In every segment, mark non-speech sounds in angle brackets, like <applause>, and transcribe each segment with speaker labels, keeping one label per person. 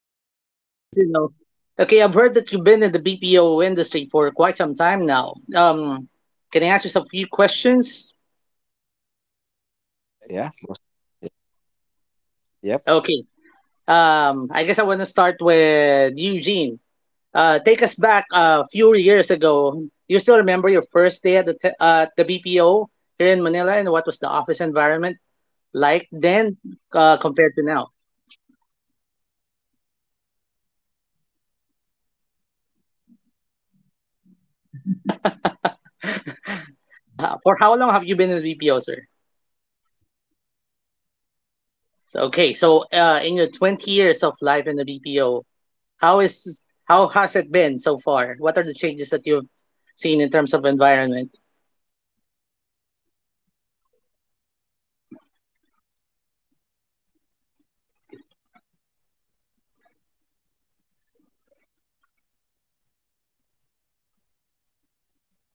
Speaker 1: Yep.
Speaker 2: Okay. Yeah,
Speaker 3: Enjoying
Speaker 2: good to
Speaker 3: life.
Speaker 2: know. Okay, I've heard that you've been in the BPO industry for quite some time now. Can I ask you some few questions?
Speaker 1: Yeah.
Speaker 3: We
Speaker 1: Most.
Speaker 3: appreciate
Speaker 1: Yep.
Speaker 3: questions. Go shoot.
Speaker 1: yep.
Speaker 2: Okay. I guess I want to start with Eugene. Take us back a few years ago. Do you still remember your first day at the BPO here in Manila, and what was the office environment like then
Speaker 3: Mm,
Speaker 2: compared to now?
Speaker 3: When you say few, we're talking about eons. We're talking about 20 years ago. Mm.
Speaker 2: For how long have you been in the BPO, sir?
Speaker 3: In the BPO, 20 years, 20 years.
Speaker 2: Okay, so in your 20 years of life in the BPO, how has it been so far? What are the changes that you've seen in terms of environment?
Speaker 3: A lot has changed. For one, for one, the rooms, how they look now, they're different. I remember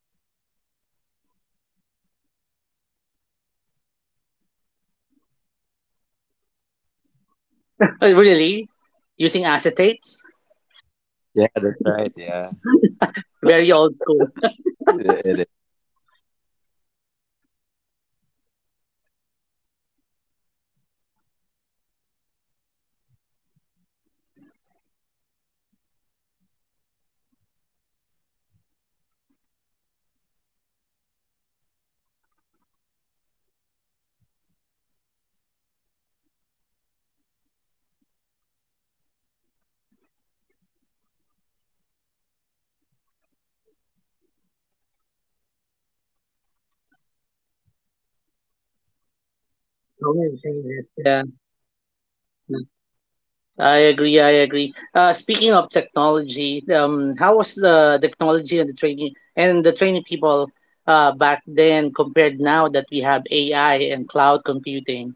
Speaker 3: we were still using old school projectors, the one they use at churches.
Speaker 2: Really? Using acetates?
Speaker 3: Acetate, there you
Speaker 1: Yeah,
Speaker 3: go,
Speaker 1: that's
Speaker 3: acetate.
Speaker 1: right. Yeah.
Speaker 2: Very old school.
Speaker 1: It is.
Speaker 3: And now aside from projectors, you also have projector films that automatically can go up and down. There's a button, but back then there were times, especially if you're talking about work documents, they had to put it on acetate. Um PowerPoint slides back then had the basic things. Um, <laughs> you only had minimal fonts. Yeah, so many things I
Speaker 2: Don't really that.
Speaker 3: remember and can
Speaker 2: Yeah.
Speaker 3: compare.
Speaker 2: I agree. I agree. Speaking of technology, how was the technology and the training people back then compared now that we have AI and cloud computing?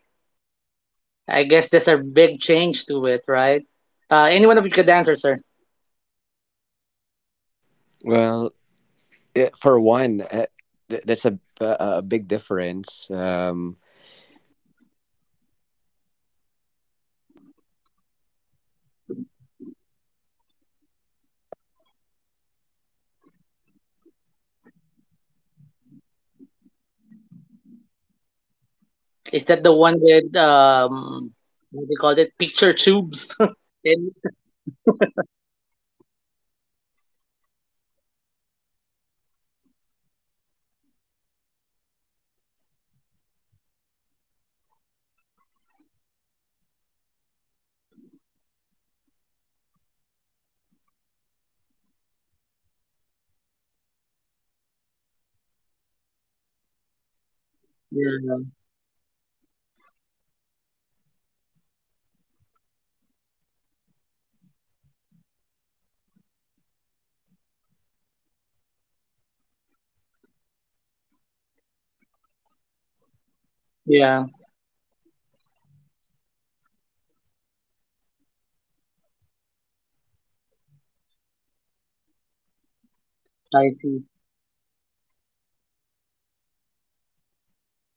Speaker 2: I guess there's a big change to it, right? Any one of you could answer, sir.
Speaker 1: Well, yeah, for one, that's a big difference, because before, you know, the PC was kind of okay and kind of bulky. If you remember the monitors, like it's still the CRT,
Speaker 2: Is that
Speaker 1: but
Speaker 2: the one with
Speaker 1: yeah,
Speaker 2: what do you call it? Picture tubes. <laughs>
Speaker 1: yeah, picture
Speaker 2: And-
Speaker 1: tube. Yes, that's right. So that's one. So it's bulky, it's heavy, and I would say back then it was still fast, right? But now the technology evolving, plus you said about the AI. It's kind of digitizing or digitalizing, like you know, most of what we do
Speaker 2: yeah,
Speaker 1: before, and now we just as simple as like you know with the help of AI. Um, I would say there's advantage to it because it's making the job faster.
Speaker 2: yeah,
Speaker 1: Yeah. And I would say it helps a lot when it comes to how we do training, compared before. So
Speaker 2: I see.
Speaker 1: you know, one of the things that I can see with the help of AI.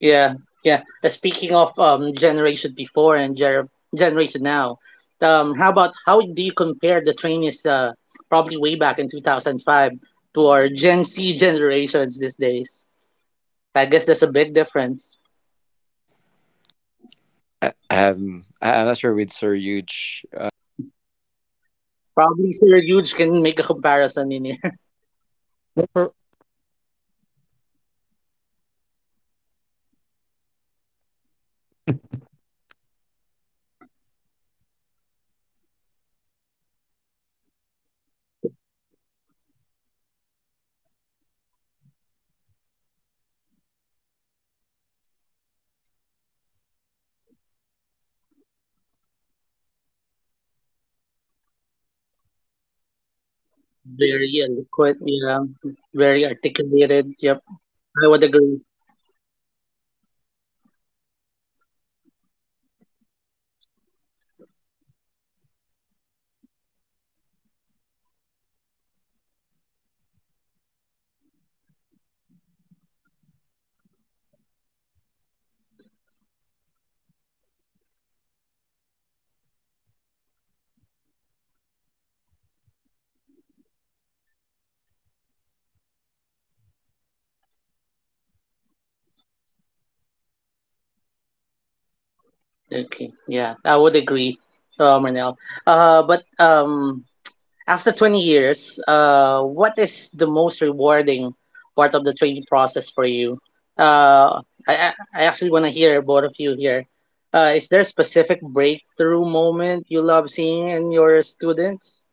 Speaker 2: Yeah, yeah. Speaking of generation before and generation now, um, how do you compare the trainees probably way back in 2005 to our Gen Z generations these days? I guess there's a big difference.
Speaker 1: I'm not sure with Sir Huge, you know, experience, but
Speaker 2: Probably Sir Huge can make a comparison in.
Speaker 1: But yeah, but
Speaker 3: For,
Speaker 1: Eugene and I, you know, has been in the industry for the same number of years, 20 years. But there's a big difference because I mean, when I first started working in the BPO, um, I think the competition was really, you know, challenging because a lot of them are really, you know, very good when it comes to how
Speaker 2: Very
Speaker 1: they
Speaker 2: eloquent,
Speaker 1: speak.
Speaker 2: yeah. Very
Speaker 1: You know,
Speaker 2: articulated. Yep,
Speaker 1: very
Speaker 2: I
Speaker 1: right.
Speaker 2: would agree.
Speaker 1: You're right. Very articulate, and can really converse well. But of course, I'm not saying that you know the generation now cannot converse. But I think with the quality of um, people that we get, it's not as the same as before. That's my take. But because again, I've been in the training department for quite some time now, and I can see the big difference.
Speaker 2: Okay, yeah, I would agree, Marnell. But After 20 years, what is the most rewarding part of the training process for you? I actually want to hear both of you here. Is there a specific breakthrough moment you love seeing in your students?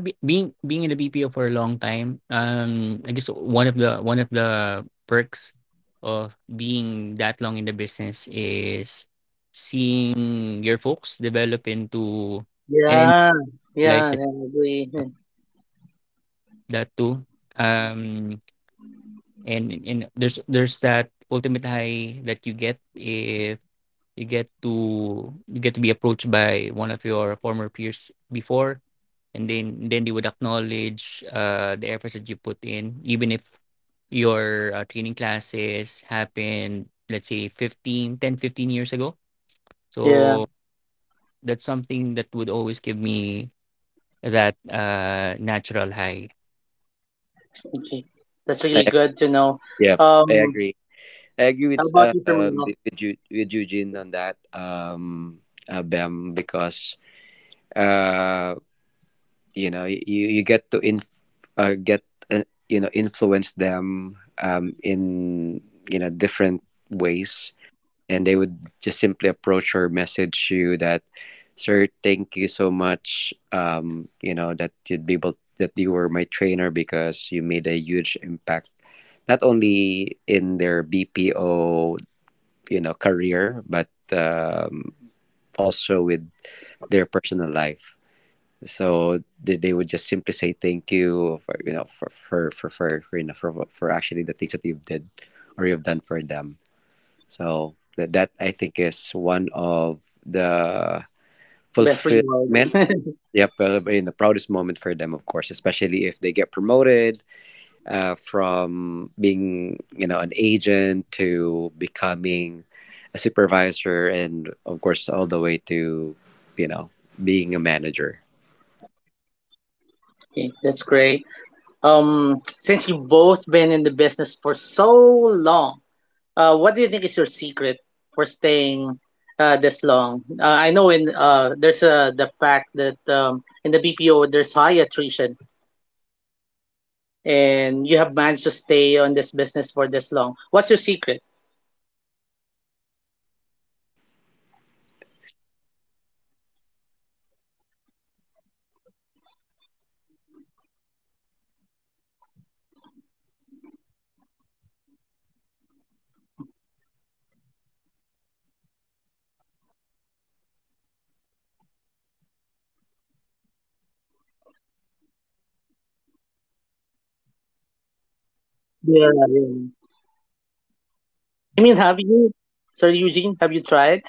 Speaker 3: yeah, be, being being in a BPO for a long time, I guess one of the perks of being that long in the business is seeing your folks develop into and then
Speaker 2: Yeah, yeah,
Speaker 3: realize that,
Speaker 2: I agree. <laughs>
Speaker 3: that too. Um, and there's that ultimate high that you get if you get to be approached by one of your former peers before and then they would acknowledge the efforts that you put in, even if your training classes happened, let's say, 15, 10, 15 years ago.
Speaker 2: Yeah.
Speaker 3: So that's something that would always give me that natural high.
Speaker 2: Okay, that's
Speaker 1: I,
Speaker 2: really good to know.
Speaker 1: yeah, I
Speaker 2: Um,
Speaker 1: agree. I agree
Speaker 2: how about you, Firmino?
Speaker 1: with with Eugene on that. Bem, because uh, you know, you get to get, you know, influence them, in you know different ways, and they would just simply approach or message you that, sir, thank you so much, you know, that you'd be able that you were my trainer because you made a huge impact not only in their BPO you know career but also with their personal life. So they would just simply say thank you for you know for you know for actually the things that you've did or you've done for them. So that that I think is one of the
Speaker 2: Best reward.
Speaker 1: fulfillment.
Speaker 2: <laughs>
Speaker 1: Yep, in the proudest moment for them, of course, especially if they get promoted from being you know an agent to becoming a supervisor, and of course all the way to you know being a manager.
Speaker 2: Okay, that's great. Since you've both been in the business for so long, what do you think is your secret for staying this long? I know in There's the fact that in the BPO there's high attrition, and you have managed to stay on this business for this long. What's your secret?
Speaker 3: Yeah, it, it kind of — po there's a certain tug, to my heart every time you say I've been a bit in the business for so long, right? Um, well, I would have to admit, at times I kind of look back and check, what if I tried out a different career, or what if
Speaker 2: Yeah,
Speaker 3: I,
Speaker 2: yeah.
Speaker 3: a BPO.
Speaker 2: I mean, have
Speaker 3: Uh,
Speaker 2: you, Sir Eugene? Have you tried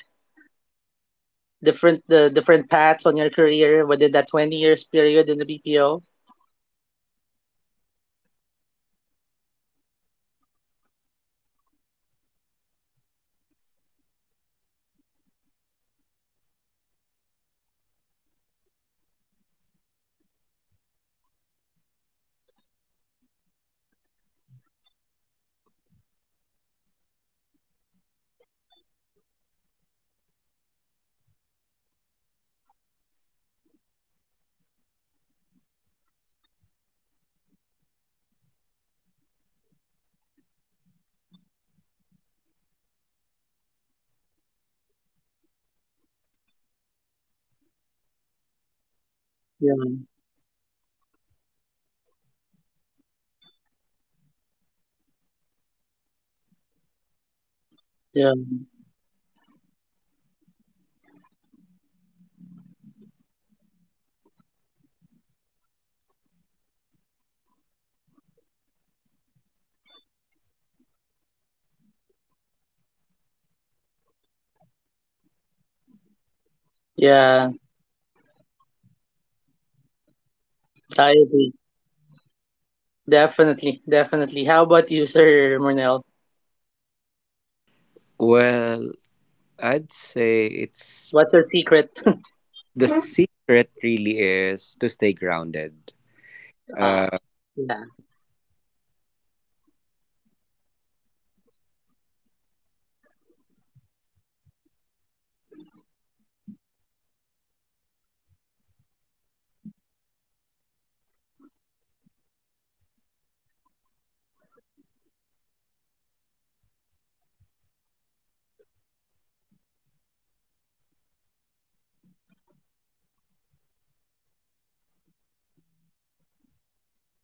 Speaker 2: different the different paths on your career within that 20 years period in the BPO?
Speaker 3: I tried exploring. There's always that part of me that wants to explore and see how marketable my skill sets are. Uh, but but one of the reasons why I keep coming back to the BPO, and why um I I, I keep extending my stay in the BPO, is the new learnings that I get, almost yearly. At the same time, I get to also appreciate — what I what I what I like about my tenure is being able to appreciate growth, right? Being able to
Speaker 2: Yeah,
Speaker 3: also, see how the Philippines has appreciated call
Speaker 2: yeah,
Speaker 3: center work, customer service workers, CSRs, yeah, BPO agents, uh, from from how it was several years back. I think now, the way people look at us, it's more dignified. There's that higher level of respectability, which was
Speaker 2: yeah.
Speaker 3: evident 20 years ago. So,
Speaker 2: I
Speaker 3: um,
Speaker 2: agree.
Speaker 3: yeah.
Speaker 2: Definitely, definitely. How about you, Sir Murnell?
Speaker 1: Well, I'd say it's
Speaker 2: What's your secret? <laughs>
Speaker 1: the secret really is to stay grounded.
Speaker 2: Ah,
Speaker 1: uh,
Speaker 2: yeah,
Speaker 1: there there will be a lot of challenges along the way. It's not going to be you know like smooth sailing, journey, right? I'm sure you would be able to agree with me that there's you know highs and lows, ups and downs. There will be things that you may not you know like, but then again, as the people around you uh, share with you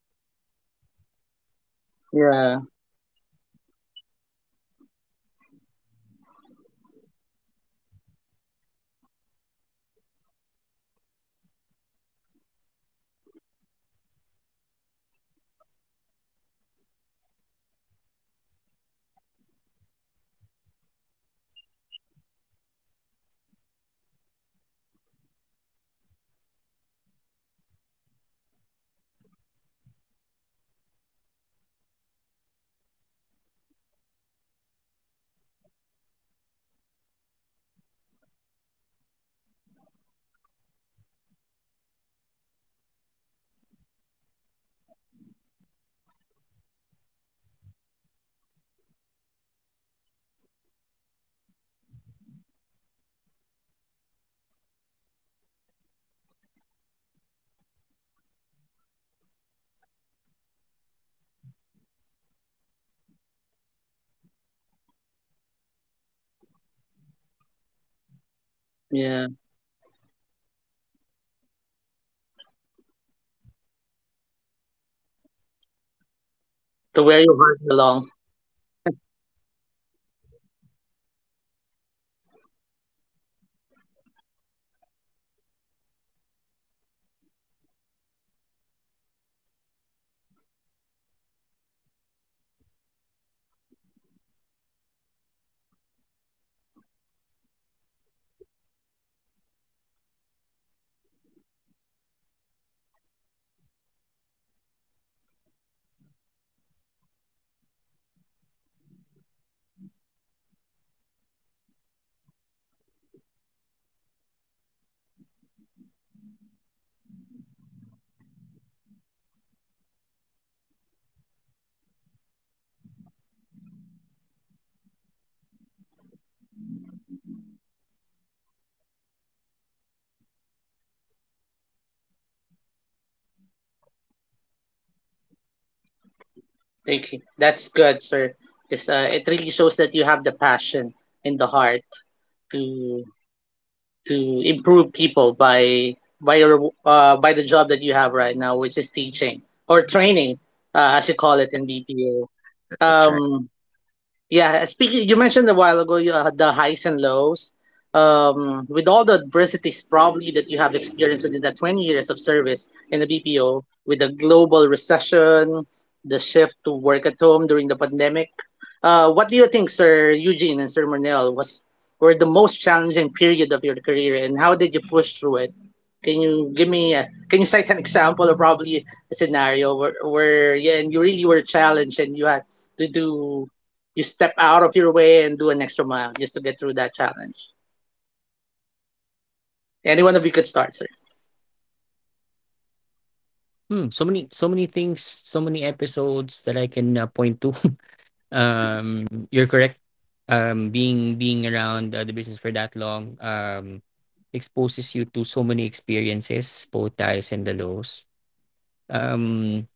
Speaker 1: the highs and the lows, you know,
Speaker 2: yeah,
Speaker 1: it's like the relationship that you have with them. I think that really helps me get through each day because there are those people who you know would be willing to work with you, and just like with you know with sir eugene here, I was able to work with him before, just like doing the audits and all of that. So it's kind of fun, you know, having that experience, even for a short period of time. And aside from that, I would say is just enjoying the job, um, you know, just getting to learn new things, as what Sir Eugene said earlier. I did explore, to like really find another job before, just like, Sir Eugene. I think I tried like applying for um, a cruise ship, you know,
Speaker 2: yeah.
Speaker 1: because it's going to be a different experience. But then again, it kind of, you know, goes back to me
Speaker 2: To where
Speaker 1: being
Speaker 2: your heart
Speaker 1: the
Speaker 2: belongs.
Speaker 1: BP, yep, the BPO. I tried another one, but I think the reason why I actually stayed uh, in the BPO industry is because of the promise that I made to my you know subordinates. I actually you know I call them that like you know they're like my moms in the team, and I told them that I'm not gonna go anywhere because they've been like bouncing around to different teams, and I told them that I'm going to be their you know supervisor until you know someone tells us that hey, you have to move to a different teams. Yeah, so that I think is the reason why. Yeah, it's I think it's the bond that you've formed and that you've developed with them. So that that's like what keeps me going back and like you know wanting to continue with the BPO, working in the BPO industry.
Speaker 2: Thank you. That's good, sir. Because it really shows that you have the passion in the heart to improve people by your by the job that you have right now, which is teaching or training, as you call it
Speaker 1: Yeah,
Speaker 2: in BPO.
Speaker 1: that's right.
Speaker 2: Um, Yeah, speaking, you mentioned a while ago the highs and lows. With all the adversities probably that you have experienced within the 20 years of service in the BPO, with the global recession, the shift to work at home during the pandemic, what do you think, Sir Eugene and Sir Murnell, was were the most challenging period of your career, and how did you push through it? Can you give me a, Can you cite an example or probably a scenario where yeah, and you really were challenged and you had to do you step out of your way and do an extra mile just to get through that challenge. Any one of you could start, sir.
Speaker 3: Hmm, so many, so many things, so many episodes that I can, point to. <laughs> um, you're correct. Being around, the business for that long, exposes you to so many experiences, both the highs and the lows. Um,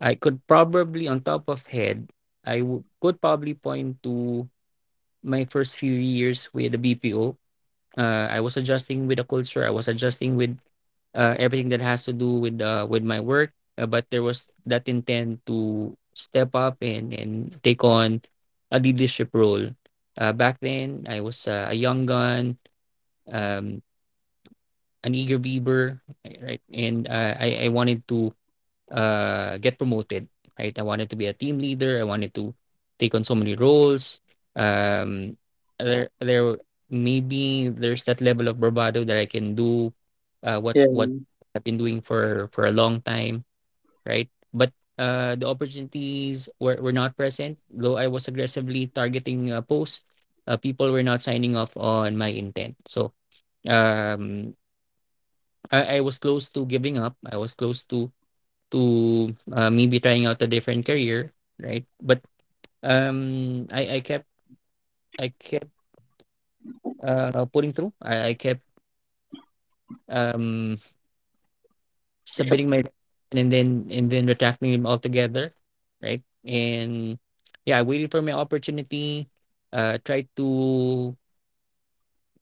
Speaker 3: I could probably, on top of head, could probably point to my first few years with the BPO. I was adjusting with the culture. I was adjusting with everything that has to do with with my work. But there was that intent to step up and take on a leadership role. Back then, I was, a young gun, um, an eager beaver, right? And I wanted to, get promoted, right? I wanted to be a team leader. I wanted to take on so many roles. Um, there, there Maybe there's that level of bravado that I can do, what
Speaker 2: Yeah.
Speaker 3: what I've been doing for a long time, right? But the opportunities were not present. Though I was aggressively targeting posts, people were not signing off on my intent. So, um, I was close to giving up. I was close to maybe trying out a different career, right? But um, I I kept I kept pulling through. I kept, um,
Speaker 2: Except-
Speaker 3: submitting my resignation and then retracting them altogether, right? And yeah, I waited for my opportunity. Tried to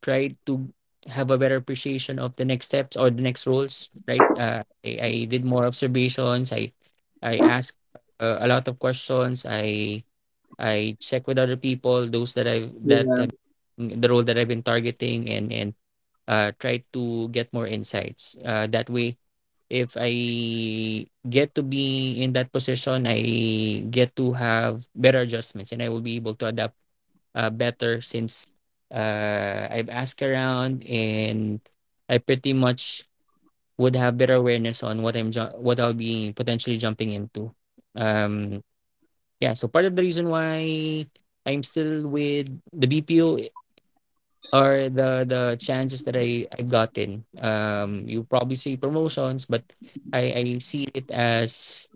Speaker 3: Try to have a better appreciation of the next steps or the next roles, right? I did more observations. I asked, a lot of questions. I check with other people, those that I that
Speaker 2: yeah.
Speaker 3: have the role that I've been targeting, and try to get more insights. That way, if I get to be in that position, I get to have better adjustments, and I will be able to adapt, better, since I've asked around and I pretty much would have better awareness on what I'll be potentially jumping into. Um, yeah, so part of the reason why I'm still with the BPO are the chances that I've gotten. You probably see promotions, but I see it as,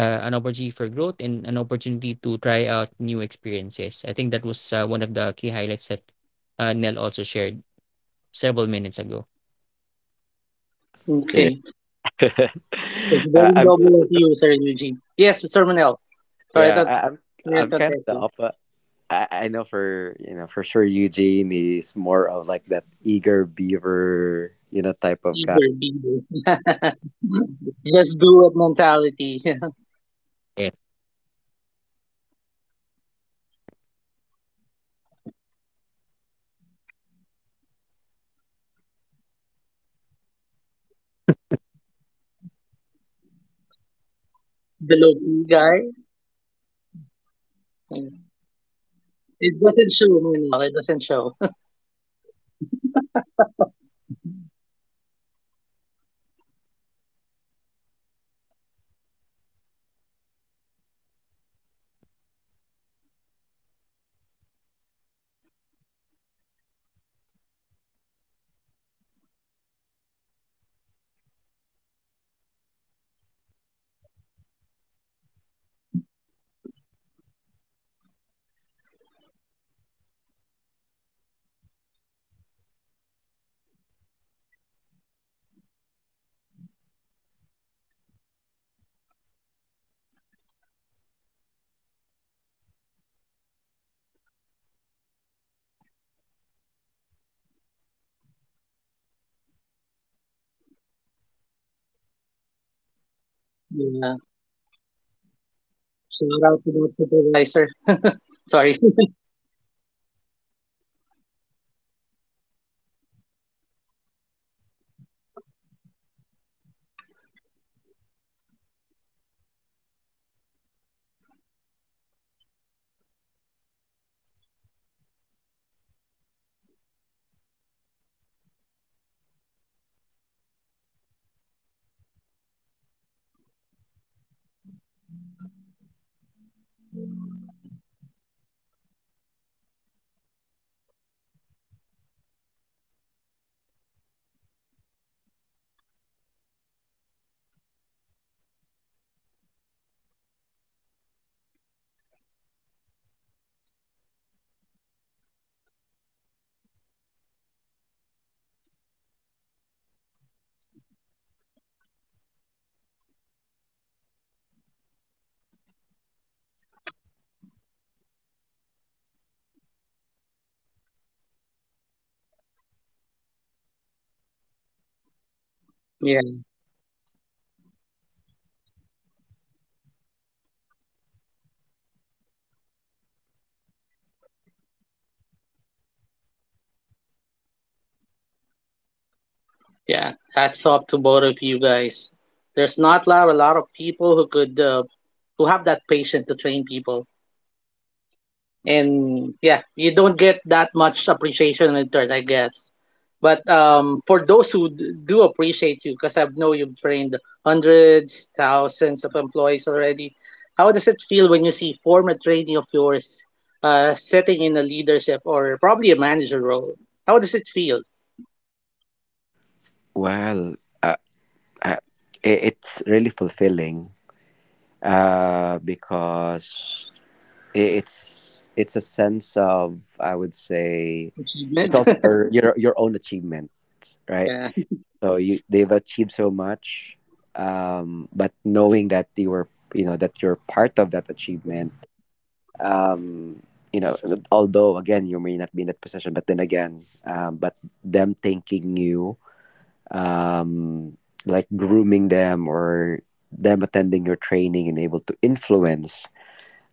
Speaker 3: an opportunity for growth and an opportunity to try out new experiences. I think that was, one of the key highlights that, Nell also shared several minutes ago.
Speaker 1: Yeah.
Speaker 2: Okay.
Speaker 1: <laughs>
Speaker 2: It's
Speaker 1: uh,
Speaker 2: very
Speaker 1: I'm.
Speaker 2: double of you, Sir Eugene. Yes, Sir Manel. Sorry,
Speaker 1: I'm.
Speaker 2: I
Speaker 1: I'm
Speaker 2: thought
Speaker 1: kind of
Speaker 2: that
Speaker 1: the
Speaker 2: you.
Speaker 1: opposite. I know for you know for sure Eugene is more of like that eager beaver you know type of
Speaker 2: Eager,
Speaker 1: guy.
Speaker 2: eager.
Speaker 1: <laughs> Yeah, that's right.
Speaker 2: <laughs> Just do
Speaker 1: <laughs>
Speaker 2: it mentality. <laughs>
Speaker 1: Yeah, so I
Speaker 3: Yes.
Speaker 1: mean, you know, he's probably aggressive and really wanting to, you know, get promoted. But I think I'm the exact opposite of Sir Eugene because I'm kind of just, <laughs> you know, the low
Speaker 2: The
Speaker 1: key
Speaker 2: local
Speaker 1: guy,
Speaker 2: guy.
Speaker 1: eh, the low key guy.
Speaker 2: Yeah.
Speaker 1: As much as possible, I don't
Speaker 2: It
Speaker 1: want
Speaker 2: doesn't
Speaker 1: to
Speaker 2: show,
Speaker 1: be
Speaker 2: Manel. It doesn't show.
Speaker 1: yeah. <laughs> But yeah, I'm actually that low-key guy. You know, I just want to be under the radar, I don't want to like really you know get promoted, um, but of course there are people who would actually push you and tell you, hey, Renel, you you know you have the right tool. You have the the skill set. Um that you know that they need or that you actually need for you to apply for the position. You know, I still could recall about the time that I was you know being pushed by my previous supervisor, who became a manager, that hey, Mernell, you have to apply, or like
Speaker 2: <laughs> Yeah.
Speaker 1: really try to become a supervisor.
Speaker 2: Shout out to the supervisor.
Speaker 1: Yeah,
Speaker 2: Sorry.
Speaker 1: become a
Speaker 2: <laughs>
Speaker 1: supervisor. Yeah, so yeah, because you're already doing it. Like you have it. Like you know, it's like second nature to you. And I was like, huh, really? I don't. I don't know. I don't think I have. I have it. But then again, you know, you may be doubting yourself. I don't know if Sir Eugene did or probably experienced that. Like you know, sometimes you doubt yourself, or maybe not just sometimes, but there are a lot of times you doubt yourself. But there are people who would tell you otherwise, right? That hey, you know, you're doing a great job, and they would just really keep on pushing you, about like you know applying for a certain position, um, and I think those are like you know the highlights and the reason why, um, you know, I keep pushing, and that's why I'm now where I am now. Because there are people who would encourage you, who would tell you that you're doing, you know, a great job. So
Speaker 2: Yeah.
Speaker 1: yeah. So, I mean, again, you may not see it for yourself, but there are people who can actually see your potential or, you know, the things that you can contribute or that you can do for the business.
Speaker 2: Yeah, hats off to both of you guys. There's not lot, a lot of people who could who have that patience to train people, and yeah, you don't get that much appreciation in return, I guess. But for those who do appreciate you, because I know you've trained hundreds, thousands of employees already, how does it feel when you see former trainee of yours sitting in a leadership or probably a manager role? How does it feel?
Speaker 1: Well, uh, uh, it's really fulfilling because it's a sense of, I would say, it's
Speaker 2: Achievement?
Speaker 1: also your your own achievement,
Speaker 2: <laughs>
Speaker 1: right?
Speaker 2: Yeah.
Speaker 1: So you they've achieved so much, but knowing that you were you know that you're part of that achievement, um, you know, although again you may not be in that position, but then again, but them thanking you, um, like grooming them or them attending your training and able to influence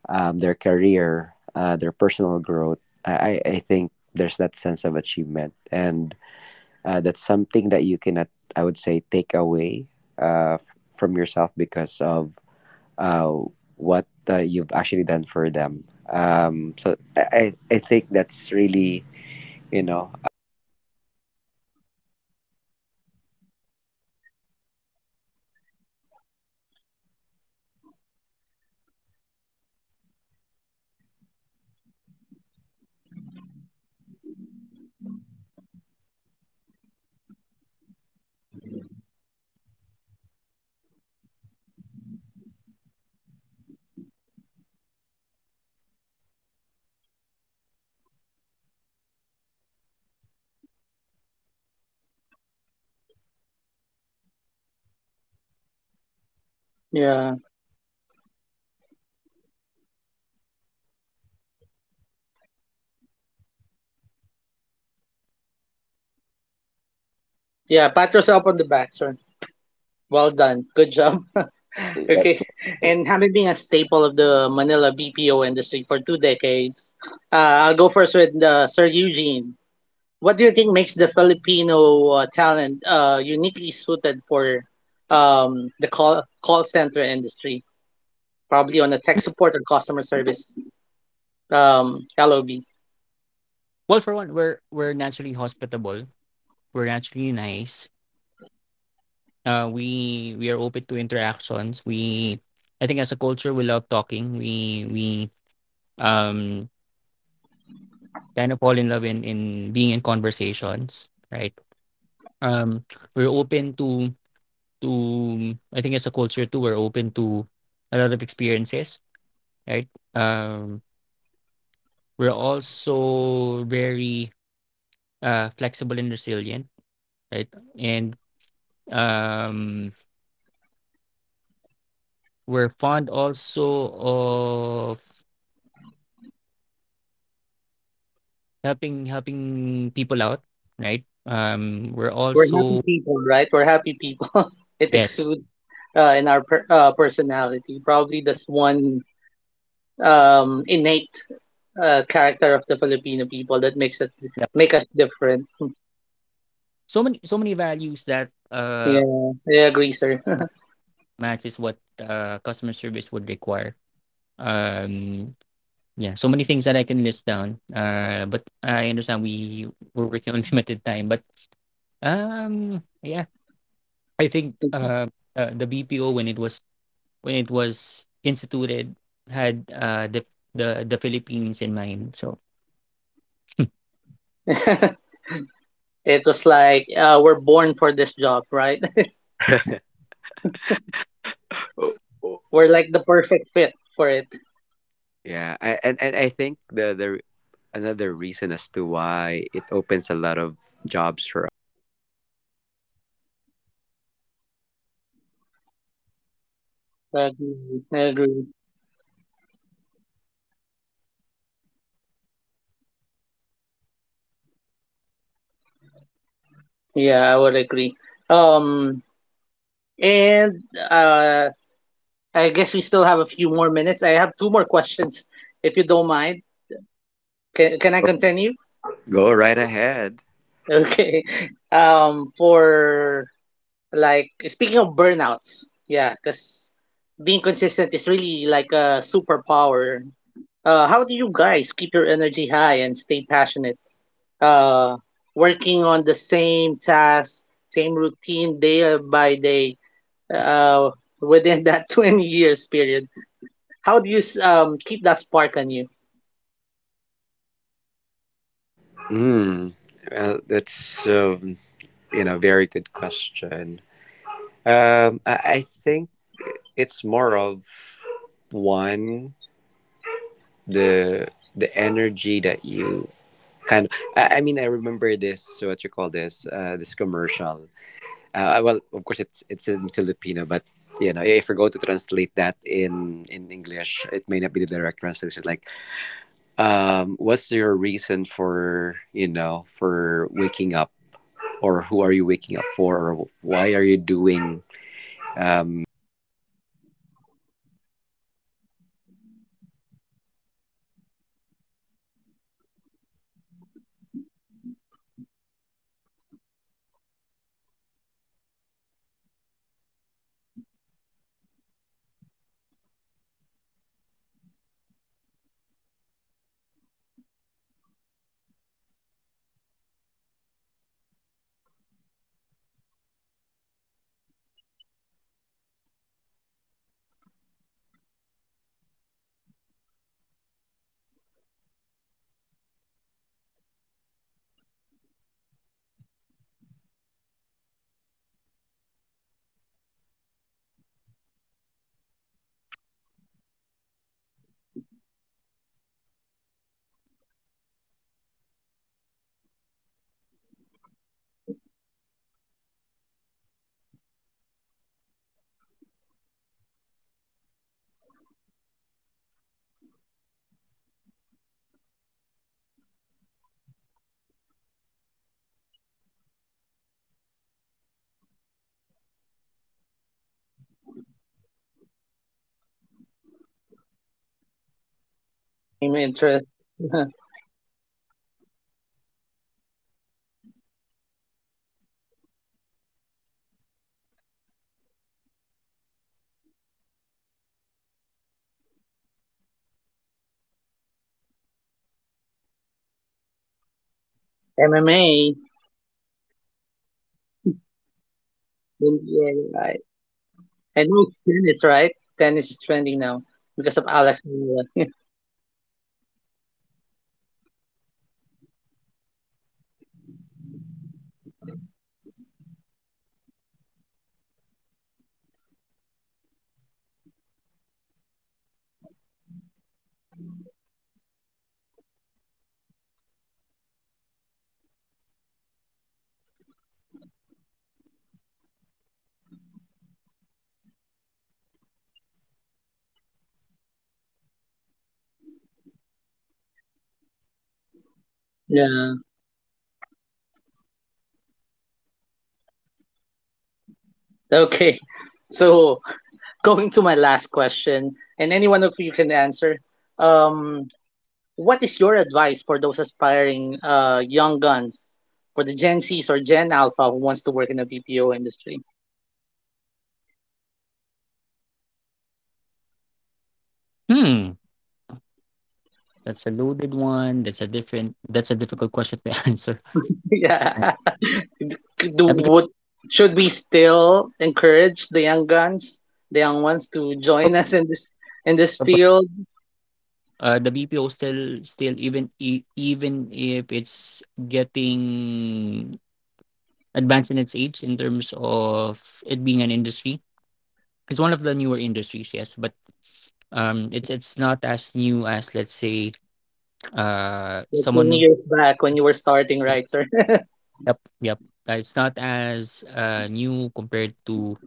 Speaker 1: their career, their personal growth. I think there's that sense of achievement and that's something that you cannot, I would say, take away from yourself because of uh, what you've actually done for them. So I think that's really, what I feel about their achievement. And I remember there was one trainee who got promoted. She is what it calls like a perky type of person. You, you may see her as like a playful, you know, just trying to crack a joke, but when I saw her and, you know, when she told me about getting promoted to a, you know, a higher position in the telco business, I said,
Speaker 2: Yeah.
Speaker 1: well, hats off to you and I know you did it well. So it is more of just like really recognizing and commending her for a job well done.
Speaker 2: Yeah, pat yourself on the back, sir. Well done. Good job. <laughs> Okay. And having been a staple of the Manila BPO industry for 2 decades, I'll go first with Sir Eugene. What do you think makes the Filipino talent uniquely suited for um, call center industry? Probably on the tech support and customer service LOB.
Speaker 3: Well, for one, we're naturally hospitable. We're naturally nice. We are open to interactions. We I think, as a culture, we love talking. We um kind of fall in love in being in conversations, right? Um, we're open, to I think, as a culture too, we're open to a lot of experiences, right? We're also very flexible and resilient, right? And um we're fond also of helping people out, right? We're
Speaker 2: We're happy
Speaker 3: also —
Speaker 2: people, right? We're happy people. <laughs> It
Speaker 3: yes,
Speaker 2: exudes in our personality. Probably that's one innate character of the Filipino people that makes it
Speaker 3: yeah.
Speaker 2: make us different.
Speaker 3: So many values that
Speaker 2: Yeah, I agree, sir.
Speaker 3: matches what customer service would require. Um, yeah, so many things that I can list down. But I understand we're working on <laughs> limited time, but, yeah, I think, the BPO, when it was instituted, had the Philippines in mind. So.
Speaker 2: <laughs> It was like we're born for this job, right? <laughs>
Speaker 1: Oh, oh.
Speaker 2: We're like the perfect fit for it.
Speaker 1: Yeah, I, and I think the another reason as to why it opens a lot of jobs for us is eh, just because of the language, that really I think
Speaker 2: I
Speaker 1: really
Speaker 2: agree. I
Speaker 1: opens a lot of,
Speaker 2: agree.
Speaker 1: uh, because you know English is our second language.
Speaker 2: Yeah, I would agree. Um, and I guess we still have a few more minutes. I have two more questions, if you don't mind. Can I continue? <laughs>
Speaker 1: Go right ahead.
Speaker 2: Okay. For Like speaking of burnouts, yeah, because being consistent is really like a superpower. How do you guys keep your energy high and stay passionate? Uh, Working on the same task, same routine day by day, uh, within that <laughs> 20 years period. How do you keep that spark on you?
Speaker 1: Hmm. Well, that's you know, very good question. I think it's more of one, the energy that you kind of, I mean, I remember this, what you call this, this commercial, well of course it's in Filipino, but you know, if we go to translate that in English, it may not be the direct translation, like what's your reason for, you know, for waking up, or who are you waking up for, or why are you doing you know such, right? Like, it's kind of Filipino commercial. It's like a coffee commercial. But I think that's one. Um, the reason why you're waking up for is one is for your family, right? It's like, okay, you know, it's this, this is where you're drawing your strength and your energy, because without them of course it's like, it's like a kryptonite, like, you know, if, without your family, without your loved ones, you won't be able to like continue and really push yourself to like, you know, continue the job. And second, I say it's the people that you're working with or that you've worked with, because that's where you can actually get your, what do you call this, the things that you need, like, you know, I- if um, I mean, the people that you work with is not just like your peers, but they get to be your friends along the way, just like, you know, Sir Eugene and I. I mean, we're not that completely close, but then again, we get to talk every now and then. We share the same passions for, you know, for sports. We get to talk about it,
Speaker 2: I'm
Speaker 1: uh,
Speaker 2: interested. <laughs>
Speaker 1: right? So even of you know even if, we, we're doing a lot of stuff, but then again, we kind of use at least a bit of the time to just talk about, you know, about sports. It could be about basketball. It could be about, you know, bowling. Could be about, you know, other sports.
Speaker 2: MMA.
Speaker 1: Yeah, MMA, you know, NBA, and other stuff. So, yeah.
Speaker 2: I know
Speaker 1: So
Speaker 2: it's tennis, right? Tennis is trending now because of
Speaker 1: yeah,
Speaker 2: Alex. Manoa.
Speaker 1: uh, that's right. Right. So I mean, you know, just those stuff. Again, it won't take a lot of time, but again, getting or you know allotting a bit of your time to like just really, you know, chat or talk to other people, you know, would give you somehow, that time to, hey, it's not just all about work, but you know, I think you keep on hearing this as well, like the work-life balance,
Speaker 2: <laughs> Yeah.
Speaker 1: kind of lifestyle. So that's it.
Speaker 2: Okay. So going to my last question, and any one of you can answer. Um, what is your advice for those aspiring young guns, for the Gen Zs or Gen Alpha who wants to work in the BPO industry?
Speaker 3: Hmm. That's a loaded one. That's a different. That's a difficult question to <laughs> answer.
Speaker 2: <laughs> Yeah. Do
Speaker 3: Because,
Speaker 2: would Should we still encourage the young guns, the young ones, to join us in this field?
Speaker 3: the BPO still, even even if it's getting advanced in its age in terms of it being an industry, it's one of the newer industries. Yes, but, it's not as new as, let's say,
Speaker 2: Like
Speaker 3: someone
Speaker 2: 20
Speaker 3: who —
Speaker 2: years back when you were starting, right, sir? <laughs>
Speaker 3: yep, yep. It's not as new compared to,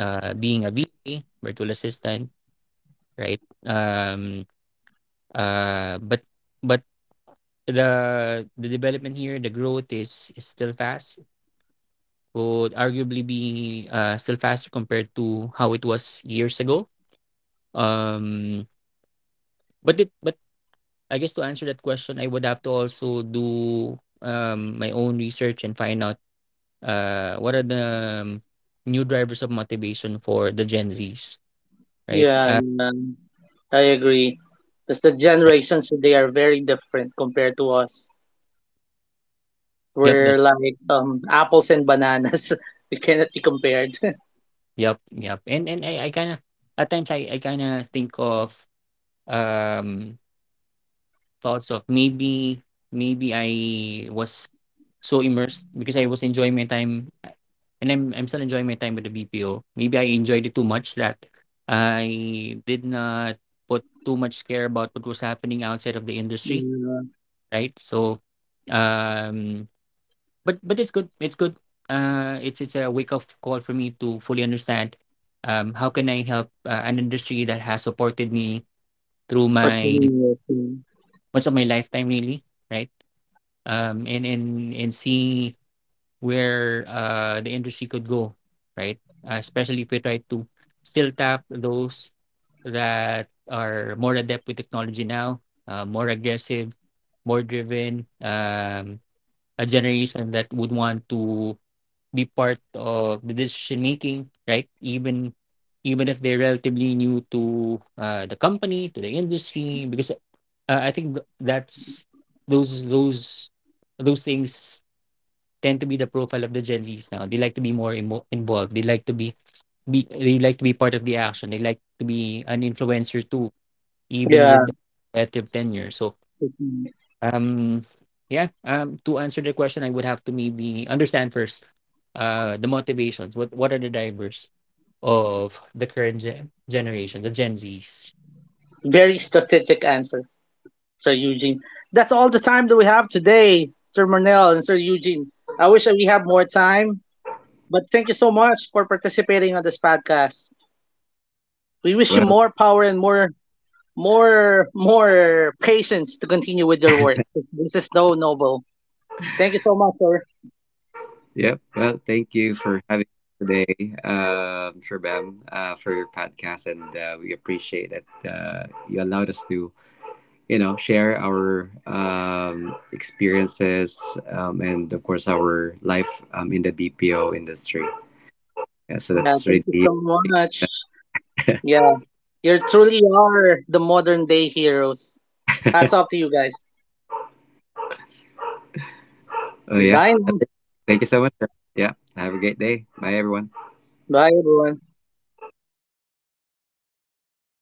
Speaker 3: being a VA, virtual assistant, right? Uh, but but the the development here, the growth is still fast. Would arguably be, still faster compared to how it was years ago. Um, but I guess, to answer that question, I would have to also do my own research and find out what are the, um, new drivers of motivation for the Gen Zs, right?
Speaker 2: Yeah, yeah, I agree. Because the generations today are very different compared to us.
Speaker 3: Yep,
Speaker 2: We're
Speaker 3: that
Speaker 2: like apples and bananas. <laughs> We cannot be compared. <laughs>
Speaker 3: yep, yep. And I kind of, at times, I kind of think of um thoughts of maybe I was so immersed because I was enjoying my time, and I'm still enjoying my time with the BPO. Maybe I enjoyed it too much that I did not put too much care about what was happening outside of the industry,
Speaker 2: Yeah,
Speaker 3: right? So, um but it's good. It's good. It's a wake up call for me to fully understand how can I help, an industry that has supported me through
Speaker 2: for so
Speaker 3: my,
Speaker 2: many years.
Speaker 3: much of my lifetime really, right? And see where, the industry could go, right? Especially if we try to still tap those that are more adept with technology now, more aggressive, more driven, a generation that would want to be part of the decision making, right? Even if they're relatively new to, the company, to the industry, because, I think th- that's those those those things tend to be the profile of the Gen Zs now. They like to be more involved. They like to be part of the action. They like to be an influencer too, even
Speaker 2: Yeah.
Speaker 3: with relative tenure. So,
Speaker 2: Yeah.
Speaker 3: um, yeah. To answer the question, I would have to maybe understand first, the motivations. What are the drivers of the current generation, the Gen Zs?
Speaker 2: Very strategic answer, Sir Eugene. That's all the time that we have today, Sir Marnell and Sir Eugene. I wish that we have more time, but thank you so much for participating on this podcast. We wish you
Speaker 1: Well,
Speaker 2: more power and
Speaker 3: Really
Speaker 2: more patience to continue with your work. This is so noble. Thank you so much, sir.
Speaker 1: yeah. Well, thank you for
Speaker 3: appreciate
Speaker 1: having us today, Shabam, for your podcast, and we appreciate that you allowed us to, you know, share our experiences, and of course our life in the BPO industry.
Speaker 3: it.
Speaker 1: Yeah, so
Speaker 2: Yeah,
Speaker 1: that's
Speaker 2: thank you
Speaker 1: really.
Speaker 2: so much. Yeah, you
Speaker 3: Thank
Speaker 2: truly
Speaker 3: you.
Speaker 2: are the modern day heroes. Hats off to you guys.
Speaker 1: Oh yeah.
Speaker 2: Bye.
Speaker 1: That's it. Thank
Speaker 3: Thank
Speaker 1: you so
Speaker 3: you.
Speaker 1: much. Yeah, have a great day. Bye everyone.
Speaker 3: Bye.
Speaker 2: Bye, everyone.